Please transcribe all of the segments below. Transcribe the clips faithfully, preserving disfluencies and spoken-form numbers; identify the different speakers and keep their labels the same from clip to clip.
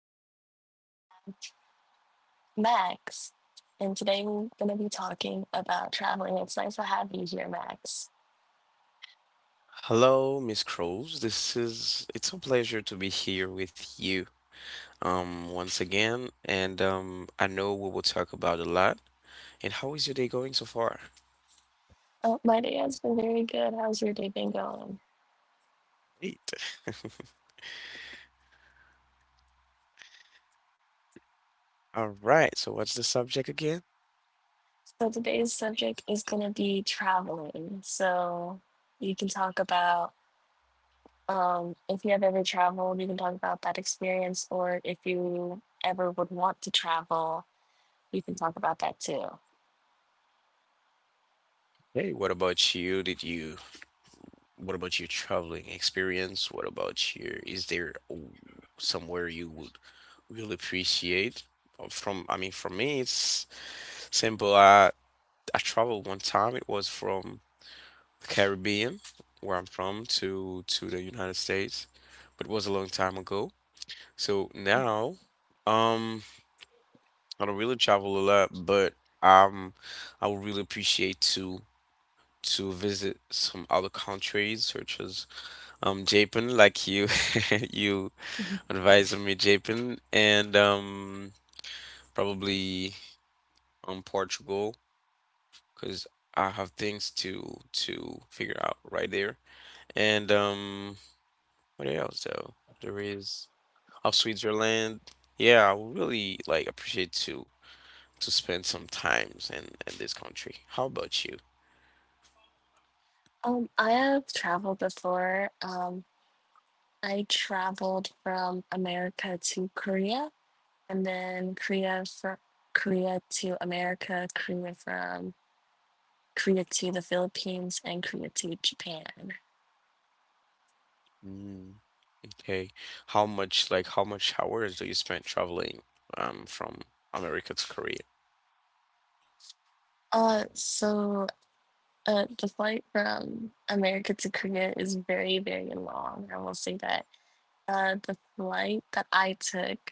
Speaker 1: today, I have Max. And today we're going to be talking about traveling. It's nice to have you here, Max.
Speaker 2: Hello, Miss Crows. This is it's a pleasure to be here with you um once again, and um I know we will talk about a lot. And how is your day going so far?
Speaker 1: Oh, my day has been very good. How's your day been going?
Speaker 2: Great. All right. So what's the subject again?
Speaker 1: So today's subject is going to be traveling. So you can talk about um, if you have ever traveled, you can talk about that experience, or if you ever would want to travel, you can talk about that too.
Speaker 2: Hey, what about you? Did you What about your traveling experience? What about your is there w- Somewhere you would really appreciate? Uh, From I mean, for me, it's simple. I I traveled one time. It was from Caribbean, where I'm from, to to the United States, but it was a long time ago. So now, um, I don't really travel a lot, but um, I would really appreciate to to visit some other countries, such as um Japan, like you you advised me, Japan, and um probably um Portugal, because I have things to to figure out right there, and um. What else though? There is of Switzerland. Yeah, I would really like appreciate to to spend some times in in this country. How about you?
Speaker 1: Um, I have traveled before. Um, I traveled from America to Korea, and then Korea from Korea to America, Korea from Korea to the Philippines, and Korea to Japan.
Speaker 2: Mm. Okay. How much like how much hours do you spend traveling um from America to Korea?
Speaker 1: Uh, so uh, the flight from America to Korea is very, very long. I will say that. Uh, the flight that I took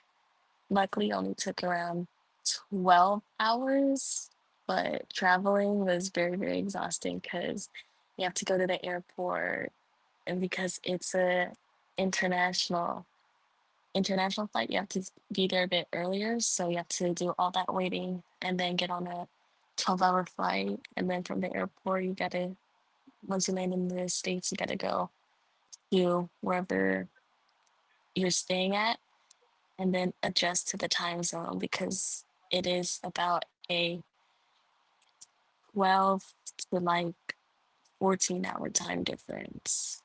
Speaker 1: luckily only took around twelve hours, but traveling was very, very exhausting because you have to go to the airport and because it's a international international flight, you have to be there a bit earlier, so you have to do all that waiting and then get on a twelve hour flight. And then from the airport you gotta, once you land in the States, you gotta go to wherever you're staying at and then adjust to the time zone because it is about a twelve to like fourteen hour time difference.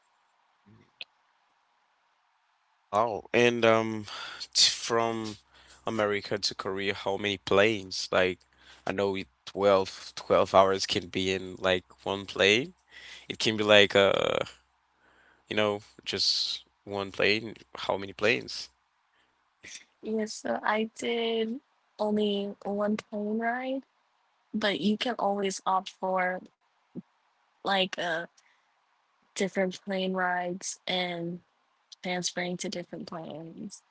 Speaker 2: Oh, and um, t- from America to Korea, how many planes? Like, I know it 12, twelve hours can be in like one plane. It can be like uh, you know, just one plane. How many planes?
Speaker 1: Yeah, so I did only one plane ride, but you can always opt for like uh, different plane rides and transferring to different planes.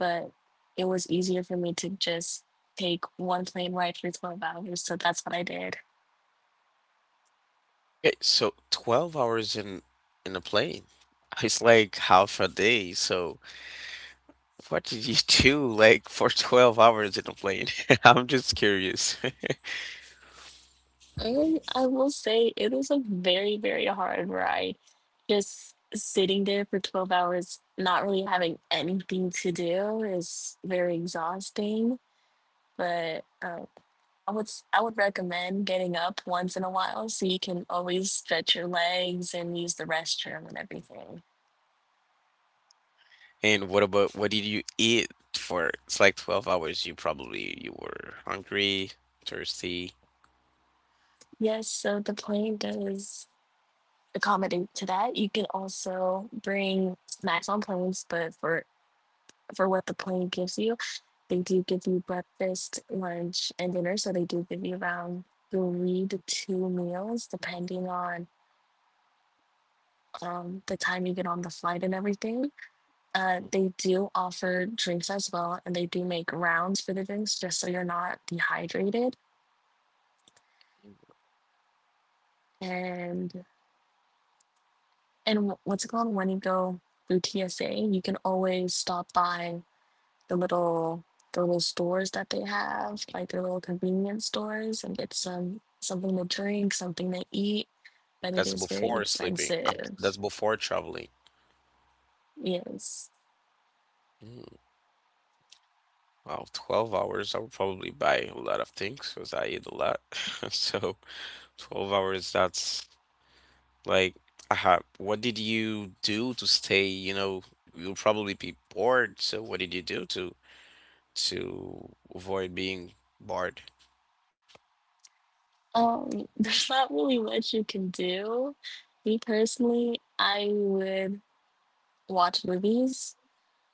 Speaker 1: But it was easier for me to just take one plane ride for twelve hours, so that's what I did.
Speaker 2: Okay, so twelve hours in in a plane. It's like half a day. So what did you do like for twelve hours in a plane? I'm just curious.
Speaker 1: And I will say it was a very, very hard ride. Just sitting there for twelve hours, not really having anything to do is very exhausting. But uh, I would s- I would recommend getting up once in a while so you can always stretch your legs and use the restroom and everything.
Speaker 2: And what about what did you eat for it's like twelve hours? You probably you were hungry, thirsty.
Speaker 1: Yes, so the plane does accommodate to that. You can also bring snacks on planes, but for for what the plane gives you, they do give you breakfast, lunch, and dinner. So they do give you around three to two meals, depending on um, the time you get on the flight and everything. Uh,
Speaker 2: Mhm.
Speaker 1: they do offer drinks as well, and they do make rounds for the drinks just so you're not dehydrated. And and wh- what's it called, when you go through T S A, you can always stop by the little the little stores that they have, like their little convenience stores, and get some something to drink, something to eat. But it
Speaker 2: That's
Speaker 1: is very
Speaker 2: before sleeping. Um, that's
Speaker 1: expensive.
Speaker 2: before traveling.
Speaker 1: Yes.
Speaker 2: Mm. Wow, twelve hours. I would probably buy a lot of things because I eat a lot. So twelve hours, that's like, uh, what did you do to stay? You know, you'll probably be bored. So what did you do to to avoid being bored?
Speaker 1: Um, there's not really much you can do. Me personally, I would watch movies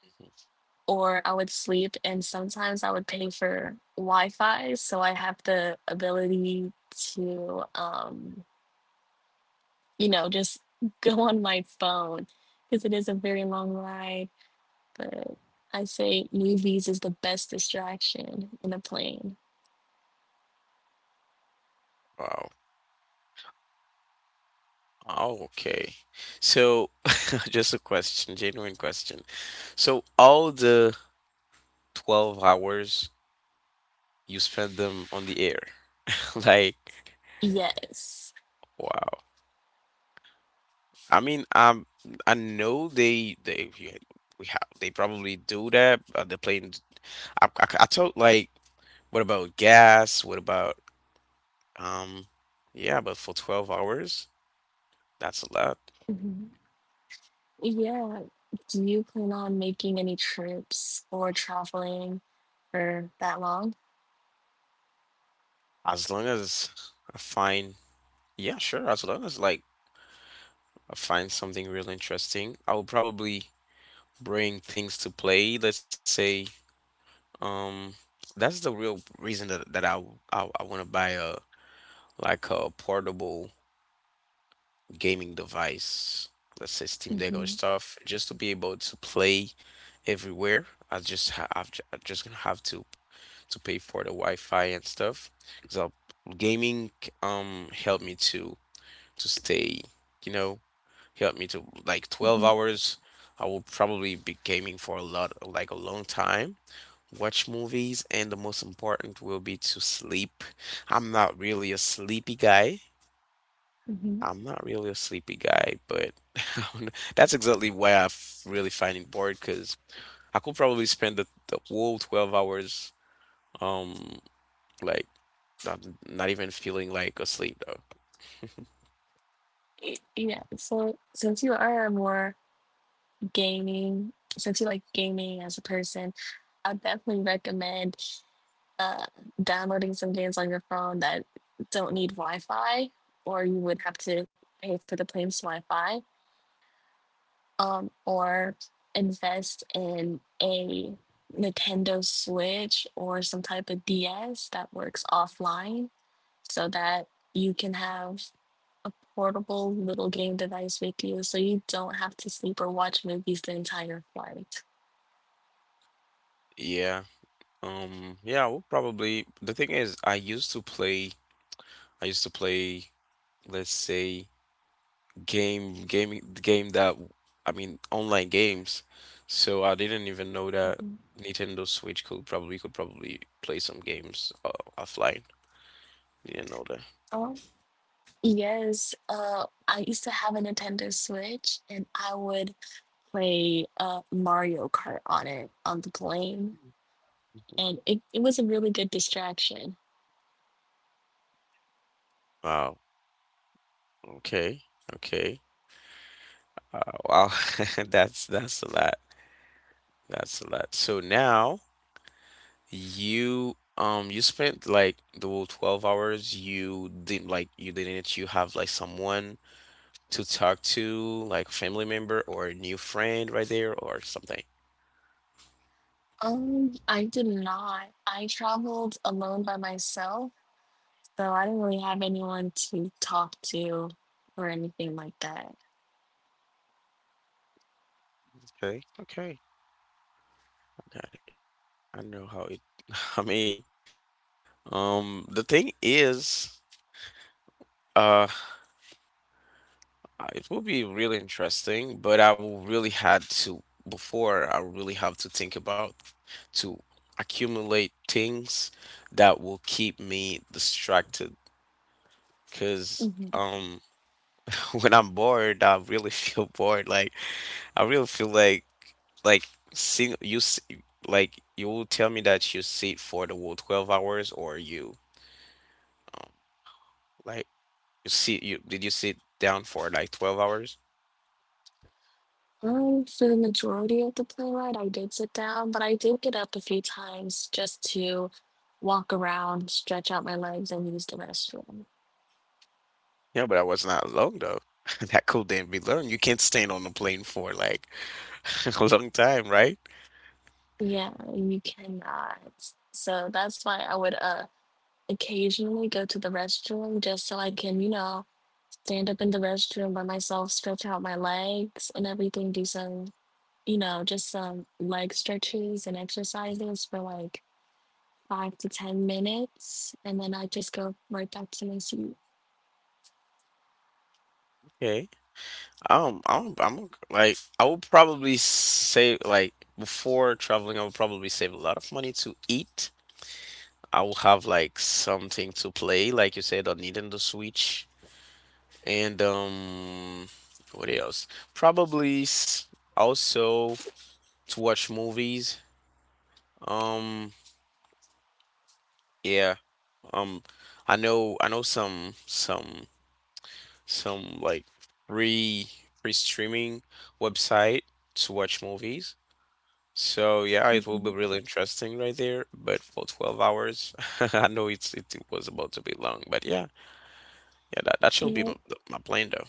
Speaker 2: Mhm.
Speaker 1: or I would sleep, and sometimes I would pay for Wi-Fi, so I have the ability to um you know, just go on my phone because it is a very long ride. But I say movies is the best distraction in a plane.
Speaker 2: Wow. Oh, okay. So, just a question, genuine question. So, all the twelve hours you spend them on the air. Like,
Speaker 1: Yes.
Speaker 2: wow. I mean, um, I know they they yeah, we have they probably do that. Uh, the plane. I, I I thought like, what about gas? What about um, yeah, but for twelve hours, that's a lot.
Speaker 1: Mhm. Yeah. Do you plan on making any trips or traveling for that long?
Speaker 2: As long as I find, yeah, sure. As long as like I find something real interesting. I will probably bring things to play. Let's say, um, that's the real reason that that I I I want to buy a like a portable gaming device. Let's say Steam Deck or
Speaker 1: Hmm.
Speaker 2: stuff, just to be able to play everywhere. I just ha- I've, ju- I'm just gonna have to to pay for the Wi-Fi and stuff. So gaming um help me to to stay, you know. Helped me to like twelve
Speaker 1: Hmm.
Speaker 2: hours. I will probably be gaming for a lot, like a long time, watch movies, and the most important will be to sleep. I'm not really a sleepy guy.
Speaker 1: Hmm.
Speaker 2: I'm not really a sleepy guy, but I don't know. That's exactly why I f- really find it bored because I could probably spend the, the whole twelve hours, um, like, not, not even feeling like asleep though.
Speaker 1: Yeah. So since you are more gaming, since you like gaming as a person, I definitely recommend uh, downloading some games on your phone that don't need Wi-Fi, or you would have to pay for the plane's Wi-Fi, um, or invest in a Nintendo Switch or some type of D S that works offline, so that you can have a portable little game device with you so you don't have to sleep or watch movies the entire flight.
Speaker 2: Yeah. Um, yeah, we'll probably. The thing is, I used to play. I used to play. Let's say game, gaming, game that I mean, online games. So I didn't even know that
Speaker 1: Mhm.
Speaker 2: Nintendo Switch could probably could probably play some games uh, offline. Didn't know that.
Speaker 1: Oh, yes. Uh, I used to have a Nintendo Switch and I would play uh, Mario Kart on it on the plane.
Speaker 2: Mm.
Speaker 1: And it, it was a really good distraction.
Speaker 2: Wow. Okay. Okay. Uh, wow. That's that's a lot. That's a lot. So now. You um you spent like the whole twelve hours you didn't like you didn't you have like someone to talk to, like family member or a new friend right there or something.
Speaker 1: Um, I did not. I traveled alone by myself, so I didn't really have anyone to talk to or anything like that.
Speaker 2: Okay, okay. I got it. I know how it I mean, um the thing is uh uh, it will be really interesting, but I will really had to before I really have to think about to accumulate things that will keep me distracted. Cause
Speaker 1: Mhm.
Speaker 2: um when I'm bored, I really feel bored. Like I really feel like like sing you s- like you will tell me that you sit for the whole twelve hours or you um like you sit you did you sit down for like twelve hours?
Speaker 1: Um, for the majority of the plane ride, I did sit down, but I did get up a few times just to walk around, stretch out my legs, and use the restroom.
Speaker 2: Yeah, but that was not long though. That couldn't be long. You can't stand on the plane for like a long time, right?
Speaker 1: Yeah, you cannot. So that's why I would uh occasionally go to the restroom just so I can, you know, stand up in the restroom by myself, stretch out my legs and everything, do some, you know, just some leg stretches and exercises for like five to ten minutes. And then I just go right back to my seat.
Speaker 2: Okay. Um, I'm, I'm like, I would probably save, like, before traveling, I would probably save a lot of money to eat. I will have like something to play, like you said, on Nintendo Switch, and um, what else? Probably s- also to watch movies. Um, yeah. Um, I know, I know some, some, some like free, free streaming website to watch movies. So yeah, it will
Speaker 1: Hmm.
Speaker 2: be really interesting right there, but for twelve hours, I know it's it was about to be long, but yeah, yeah, that, that should be
Speaker 1: Yeah,
Speaker 2: my, my plan though.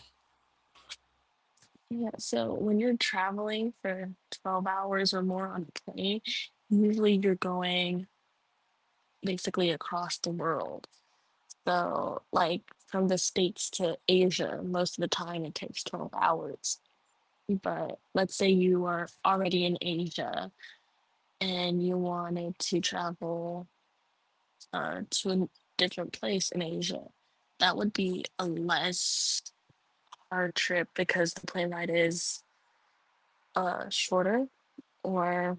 Speaker 1: yeah. So when you're traveling for twelve hours or more on a plane, usually you're going basically across the world. So, like from the States to Asia, most of the time it takes twelve hours. But let's say you are already in Asia and you wanted to travel uh, to a different place in Asia. That would be a less hard trip because the plane ride is uh, shorter. Or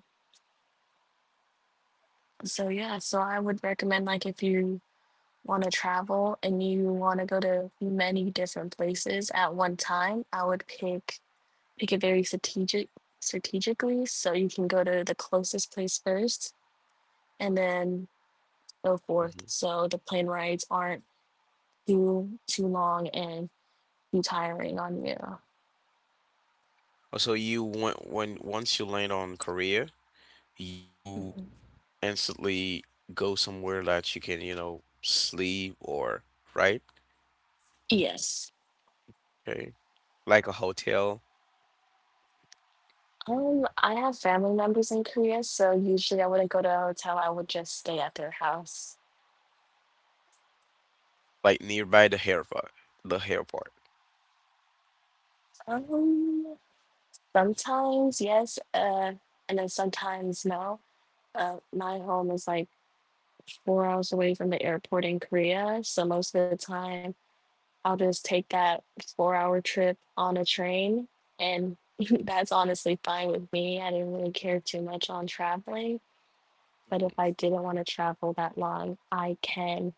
Speaker 1: so, yeah. So I would recommend, like, if you want to travel and you want to go to many different places at one time, I would pick pick it very strategic strategically so you can go to the closest place first and then so forth,
Speaker 2: Mhm.
Speaker 1: so the plane rides aren't too too long and too tiring on you.
Speaker 2: Also, you went when once you land on Korea, you
Speaker 1: Mhm.
Speaker 2: instantly go somewhere that you can, you know, sleep or right?
Speaker 1: Yes.
Speaker 2: Okay. Like a hotel,
Speaker 1: Um, I have family members in Korea, so usually I wouldn't go to a hotel. I would just stay at their house.
Speaker 2: like nearby the airport, the airport.
Speaker 1: Um, sometimes yes, uh, and then sometimes no. Uh, my home is like four hours away from the airport in Korea, so most of the time I'll just take that four hour trip on a train. And that's honestly fine with me. I didn't really care too much on traveling. But if I
Speaker 2: Mhm.
Speaker 1: didn't want to travel that long, I can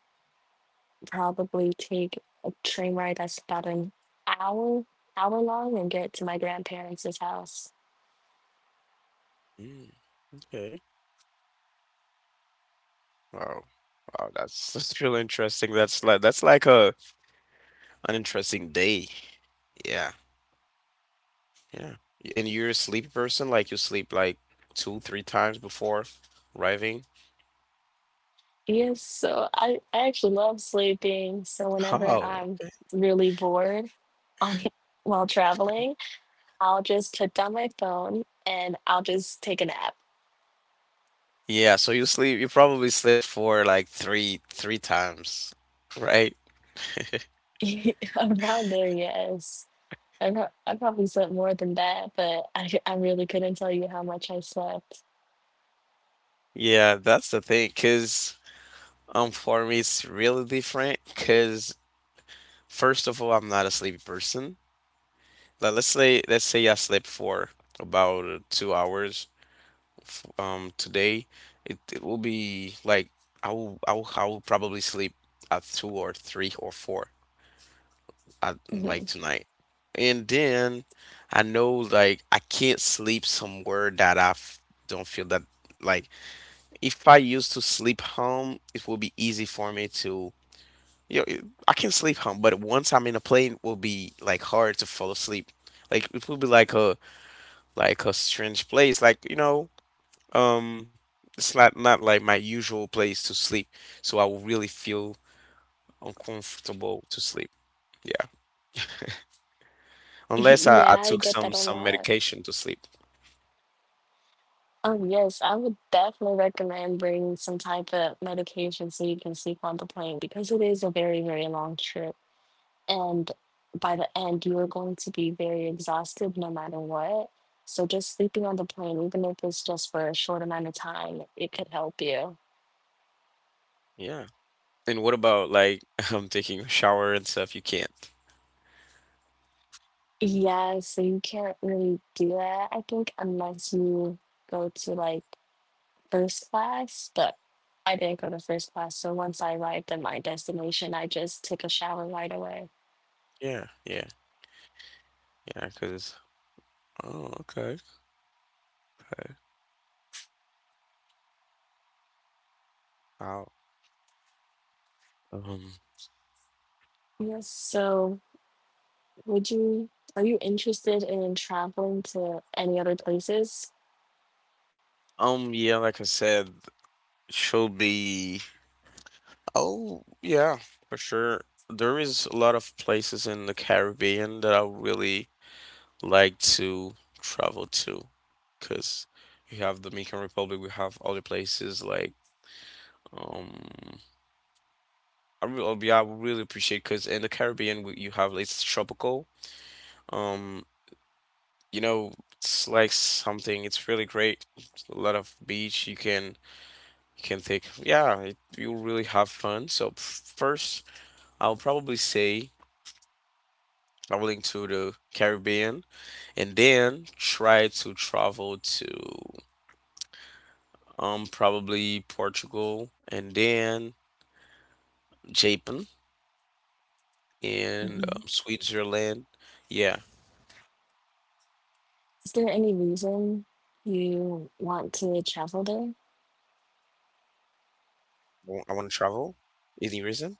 Speaker 1: probably take a train ride that's about an hour, hour long and get to my grandparents' house.
Speaker 2: Mm, okay. Wow. Wow, that's that's really interesting. That's like that's like a an interesting day. Yeah. Yeah. And you're a sleepy person, like you sleep like two, three times before arriving?
Speaker 1: Yes, so I, I actually love sleeping. So whenever
Speaker 2: Oh.
Speaker 1: I'm really bored on while traveling, I'll just put down my phone and I'll just take a nap.
Speaker 2: Yeah, so you sleep you probably sleep for like three three times, right?
Speaker 1: Around there, yes. I, pro- I probably slept more than that, but I, I really couldn't tell you how much I slept.
Speaker 2: Yeah, that's the thing, 'cause um for me it's really different, 'cause first of all, I'm not a sleepy person. Like let's say let's say I sleep for about two hours. F- um today it, it will be like I will, I will I will probably sleep at two or three or four at like
Speaker 1: Mhm.
Speaker 2: tonight. And then I know like I can't sleep somewhere that I f- don't feel that, like, if I used to sleep home, it will be easy for me to you know, it- I can sleep home, but once I'm in a plane, it will be like hard to fall asleep. Like it will be like a like a strange place, like you know. Um, it's not not like my usual place to sleep, so I will really feel uncomfortable to sleep. Yeah, unless I,
Speaker 1: Yeah,
Speaker 2: I
Speaker 1: I
Speaker 2: took
Speaker 1: get
Speaker 2: some
Speaker 1: that a
Speaker 2: some
Speaker 1: lot.
Speaker 2: medication to sleep.
Speaker 1: Oh, yes, I would definitely recommend bringing some type of medication so you can sleep on the plane because it is a very, very long trip. And by the end, you are going to be very exhausted no matter what. So just sleeping on the plane, even if it's just for a short amount of time, it could help you.
Speaker 2: Yeah. And what about like I'm taking a shower and stuff? You can't.
Speaker 1: Yeah, so you can't really do that, I think, unless you go to like first class. But I didn't go to first class, so once I arrived at my destination, I just took a shower right away.
Speaker 2: Yeah, yeah, yeah. Cause oh, okay, okay. Wow. Um,
Speaker 1: Yes, so would you, are you interested in traveling to any other places?
Speaker 2: um, yeah, like I said, she'll be. Oh, yeah, for sure. There is a lot of places in the Caribbean that I really like to travel to, because you have Dominican Republic, we have other places like um. I really, I would really appreciate because in the Caribbean we- you have it's tropical. Um, you know, it's like something. It's really great. A lot of beach. You can You can think, yeah, it, you really have fun. So f- first, I'll probably say traveling to the Caribbean and then try to travel to um probably Portugal and then Japan and
Speaker 1: Mhm.
Speaker 2: um, Switzerland. Yeah,
Speaker 1: Is there any reason you want to travel there?
Speaker 2: I want to travel. Any reason?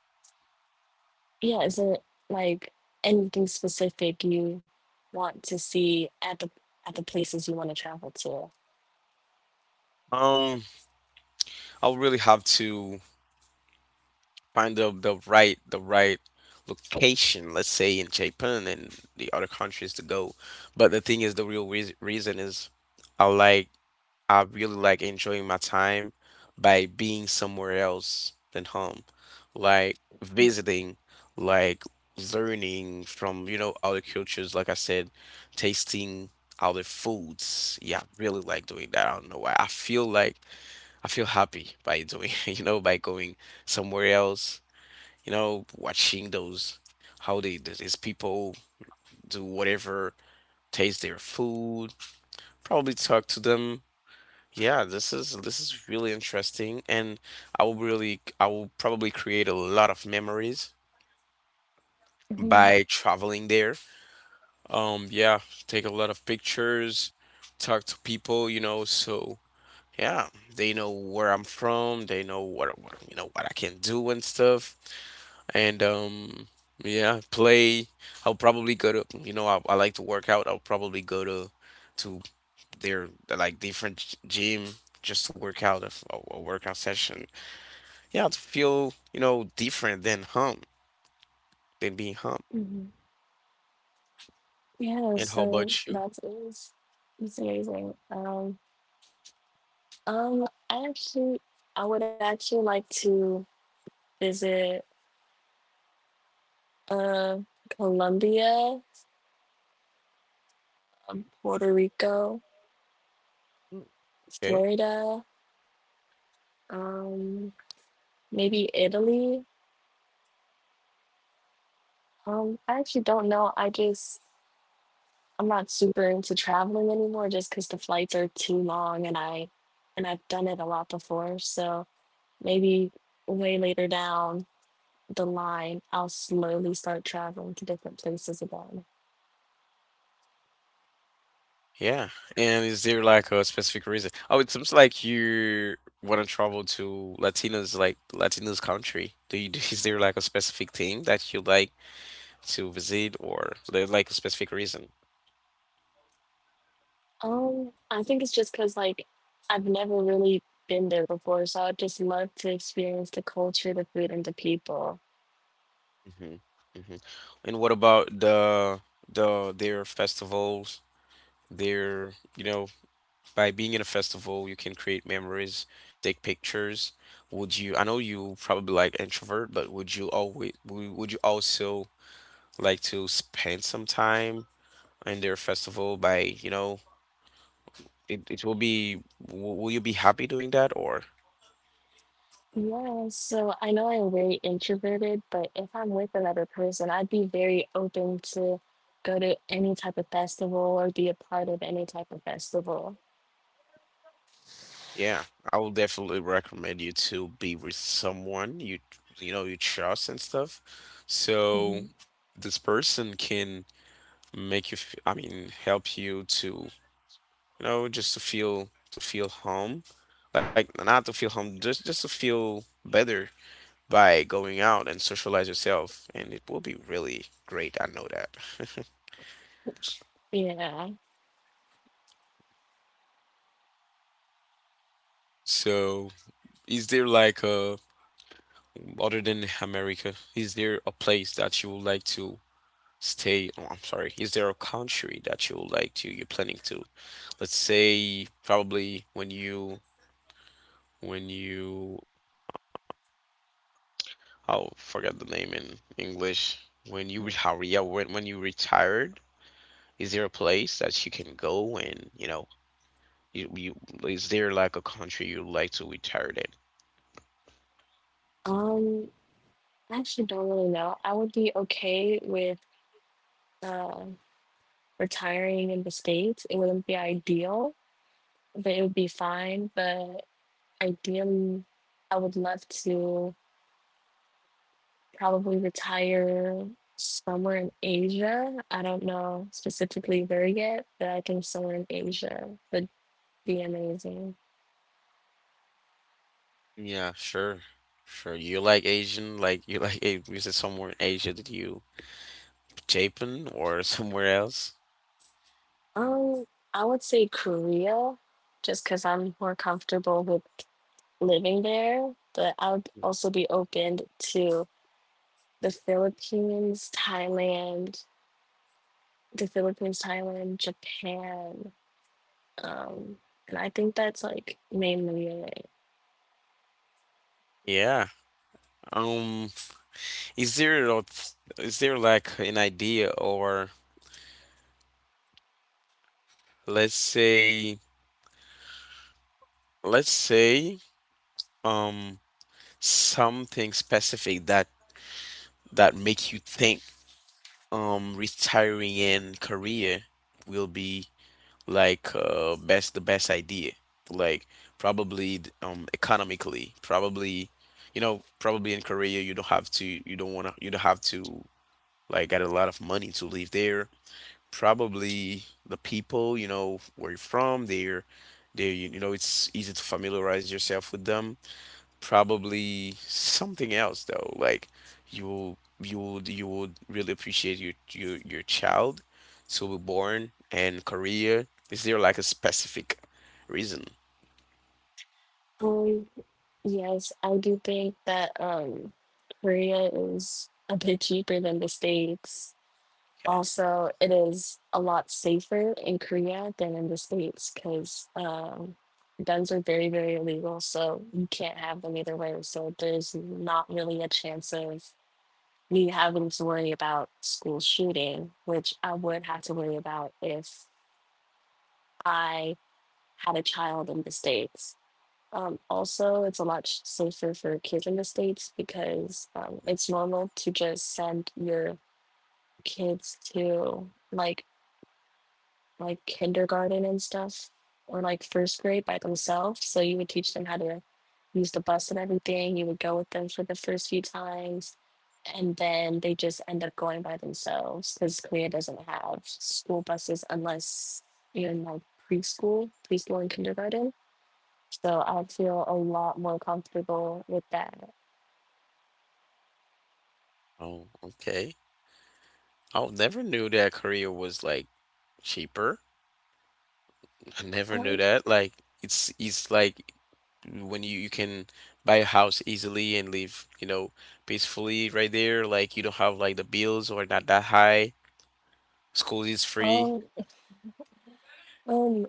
Speaker 1: Yeah, is there like anything specific you want to see at the at the places you want to travel to?
Speaker 2: Um, I'll really have to find the the right the right location, let's say in Japan and the other countries to go. But the thing is, the real reas reason is I like I really like enjoying my time by being somewhere else than home, like visiting, like learning from, you know, other cultures, like I said, tasting other foods. Yeah, I really like doing that. I don't know why. I feel like I feel happy by doing, you know, by going somewhere else, you know, watching those how they these people do whatever, taste their food, probably talk to them. Yeah, this is this is really interesting, and I will really I will probably create a lot of memories
Speaker 1: Hmm.
Speaker 2: by traveling there. Um, yeah, take a lot of pictures, talk to people, you know, so yeah, they know where I'm from, they know what what you know what I can do and stuff. And um yeah, play. I'll probably go to, you know, i, I like to work out, I'll probably go to to their like different g- gym, just to work out a, f- a- a workout session, yeah, to feel, you know, different than home, than being home.
Speaker 1: Yeah,
Speaker 2: And how
Speaker 1: so
Speaker 2: about you?
Speaker 1: that is it's amazing. Um, um, I actually, I would actually like to visit uh Colombia, um, Puerto Rico,
Speaker 2: Mm, okay.
Speaker 1: Florida, um, maybe Italy. Um, I actually don't know. I just, I'm not super into traveling anymore just because the flights are too long and I and I've done it a lot before. So maybe way later down the line, I'll slowly start traveling to different places again.
Speaker 2: Yeah, and is there like a specific reason? Oh, it seems like you want to travel to latinos, like latinos country. Do you is there like a specific thing that you like to visit or there's like a specific reason?
Speaker 1: Um, I think it's just because like I've never really been there before, so I'd just love to experience the culture, the food, and the people.
Speaker 2: Hmm. Hmm. And what about the the their festivals? Their, you know, by being in a festival, you can create memories, take pictures. Would you, I know you probably like introvert, but would you always would would you also like to spend some time in their festival by, you know, it, it will be w- will you be happy doing that or?
Speaker 1: Yeah, so I know I'm very introverted, but if I'm with another person, I'd be very open to go to any type of festival or be a part of any type of festival.
Speaker 2: Yeah, I will definitely recommend you to be with someone you you know you trust and stuff. So
Speaker 1: Hmm.
Speaker 2: this person can make you f- I mean help you to, you know, just to feel to feel home. Like not to feel home, just just to feel better by going out and socialize yourself, and it will be really great. I know that.
Speaker 1: Yeah.
Speaker 2: So, is there like a other than America, is there a place that you would like to stay? Oh, I'm sorry. Is there a country that you would like to you're planning to? Let's say probably when you when you oh, forget the name in English. When you retire, yeah, when when you retired, is there a place that you can go and, you know, you, you is there like a country you like to retire in?
Speaker 1: Um, I actually don't really know. I would be okay with uh, retiring in the States. It wouldn't be ideal, but it would be fine. But ideally, I would love to probably retire somewhere in Asia. I don't know specifically where yet, but I think somewhere in Asia would be amazing.
Speaker 2: Yeah, sure, sure. You like Asian, like you like a- is it somewhere in Asia that you Japan or somewhere else?
Speaker 1: Um, I would say Korea, just because I'm more comfortable with living there, but I would
Speaker 2: Mhm.
Speaker 1: also be open to the Philippines, Thailand, the Philippines, Thailand, Japan. Um, and I think that's like mainly it.
Speaker 2: Yeah. Um, is there a th- is there like an idea or let's say let's say um something specific that that make you think um retiring in Korea will be like uh best the best idea? Like probably th- um economically, probably, you know, probably in Korea you don't have to you don't wanna you don't have to like get a lot of money to live there. Probably the people, you know, where you're from, they're they you know, it's easy to familiarize yourself with them. Probably something else though, like you'll you would, you would really appreciate your your your child to be born, and career. Is there like a specific reason?
Speaker 1: Um, Yes, I do think that um Korea is a bit cheaper than the States. Also, it is a lot safer in Korea than in the States because um, guns are very, very illegal. So you can't have them either way. So there's not really a chance of me having to worry about school shooting, which I would have to worry about if I had a child in the States. Um, also, it's a lot sh- safer for kids in the States because um, it's normal to just send your kids to like like kindergarten and stuff or like first grade by themselves. So you would teach them how to use the bus and everything. You would go with them for the first few times, and then they just end up going by themselves because Korea doesn't have school buses unless you're in like preschool, preschool and kindergarten, so I feel a lot more comfortable with that.
Speaker 2: Oh, okay. I never knew that career was like cheaper. I never knew
Speaker 1: I
Speaker 2: that, like, it's it's like when you you can buy a house easily and live, you know, peacefully right there. Like you don't have like the bills or not that high? School is free?
Speaker 1: um, um,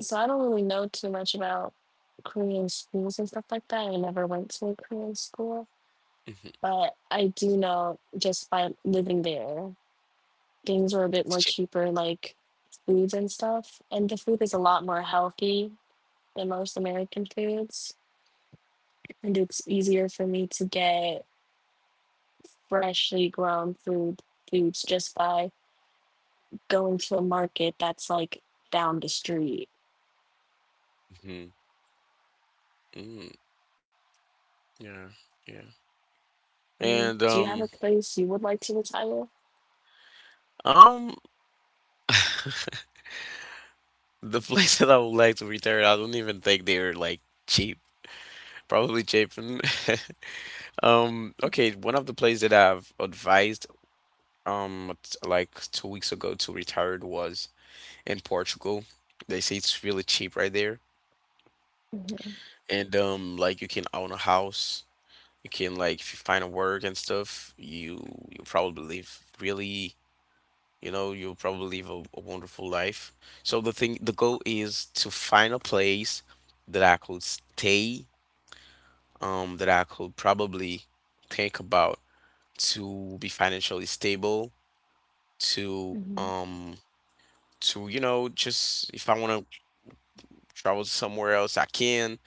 Speaker 1: so I don't really know too much about Korean schools and stuff like that. I never went to a Korean school,
Speaker 2: Mhm.
Speaker 1: but I do know just by living there, things were a bit more cheaper, like foods and stuff. And the food is a lot more healthy than most American foods. And it's easier for me to get freshly grown food foods just by going to a market that's like down the street.
Speaker 2: Mhm. Mm. Yeah. Yeah.
Speaker 1: Um,
Speaker 2: And
Speaker 1: do you have
Speaker 2: um
Speaker 1: a place you would like to retire?
Speaker 2: um the place that I would like to return, I don't even think they're like cheap. Probably cheap. And— Um okay, one of the places that I've advised um t- like two weeks ago to retire was in Portugal. They say it's really cheap right there.
Speaker 1: Hmm.
Speaker 2: And um, like you can own a house, you can, like, if you find a work and stuff, you you probably live really, you know, you'll probably live a, a wonderful life. So the thing, the goal is to find a place that I could stay, um, that I could probably think about, to be financially stable, to
Speaker 1: Hmm.
Speaker 2: um, to, you know, just if I want to travel somewhere else, I can.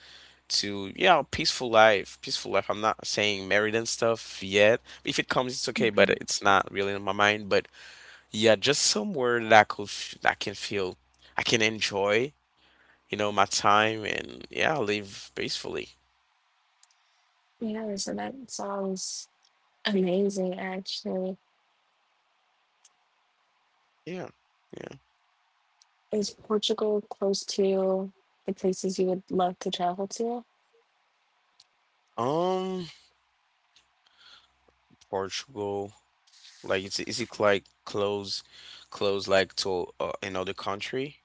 Speaker 2: To, yeah, peaceful life, peaceful life. I'm not saying married and stuff yet. If it comes, it's okay, but
Speaker 1: Hmm.
Speaker 2: it's not really in my mind. But yeah, just somewhere that i could f- that I can feel, I can enjoy, you know, my time, and yeah, live peacefully.
Speaker 1: Yeah, so that sounds amazing actually.
Speaker 2: Yeah, yeah.
Speaker 1: Is Portugal close to the places you would love to travel to?
Speaker 2: um Portugal, like is it, is it like close close like to uh, another country?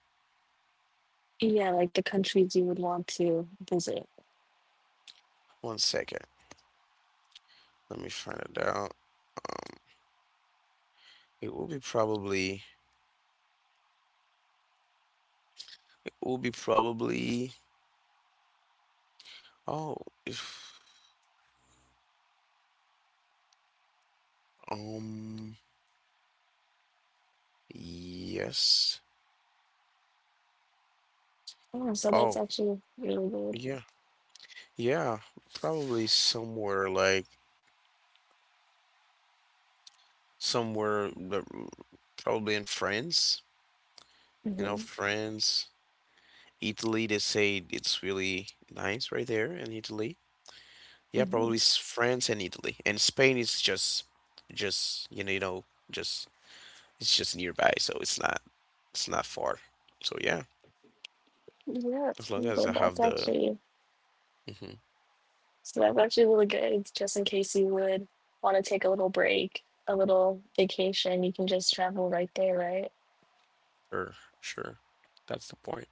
Speaker 1: Yeah, like the countries you would want to visit.
Speaker 2: One second, let me find it out. um it will be probably it will be probably Oh, if, um, yes.
Speaker 1: Oh, so that's
Speaker 2: Oh,
Speaker 1: actually really good.
Speaker 2: yeah. Yeah, probably somewhere like somewhere that- mm, probably in France, you know,
Speaker 1: Mm-hmm.
Speaker 2: France, Italy, they say it's really nice right there in Italy. Yeah, probably
Speaker 1: Mm-hmm.
Speaker 2: s- France and Italy. And Spain is just just, you know, you know, just it's just nearby, so it's not it's not far. So yeah,
Speaker 1: Yeah,
Speaker 2: as long as I
Speaker 1: but that's
Speaker 2: have the
Speaker 1: actually
Speaker 2: mm-hmm,
Speaker 1: So that's actually really good, just in case you would want to take a little break, a little vacation, you can just travel right there, right?
Speaker 2: sure, sure. That's the point.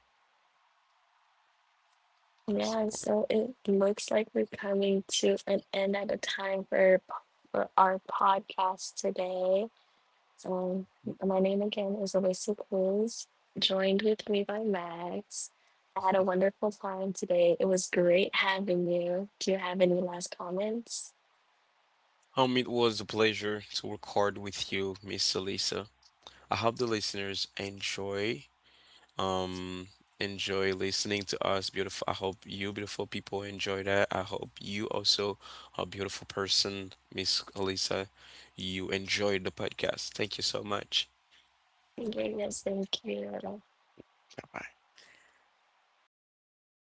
Speaker 1: Yeah,
Speaker 2: Support.
Speaker 1: so it looks like we're coming to an end at a time for, p- for our podcast today. Um, my name again is Alyssa Cruz, joined with me by Max. I had a wonderful time today. It was great having you. Do you have any last comments?
Speaker 2: Um, it was a pleasure to record with you, Miss Elisa. I hope the listeners enjoy um enjoy listening to us. Beautiful. I hope you beautiful people enjoy that. I hope you also a beautiful person, Miss Elisa. You enjoyed the podcast. Thank you so much.
Speaker 1: Okay, yes, thank you.
Speaker 2: Bye bye.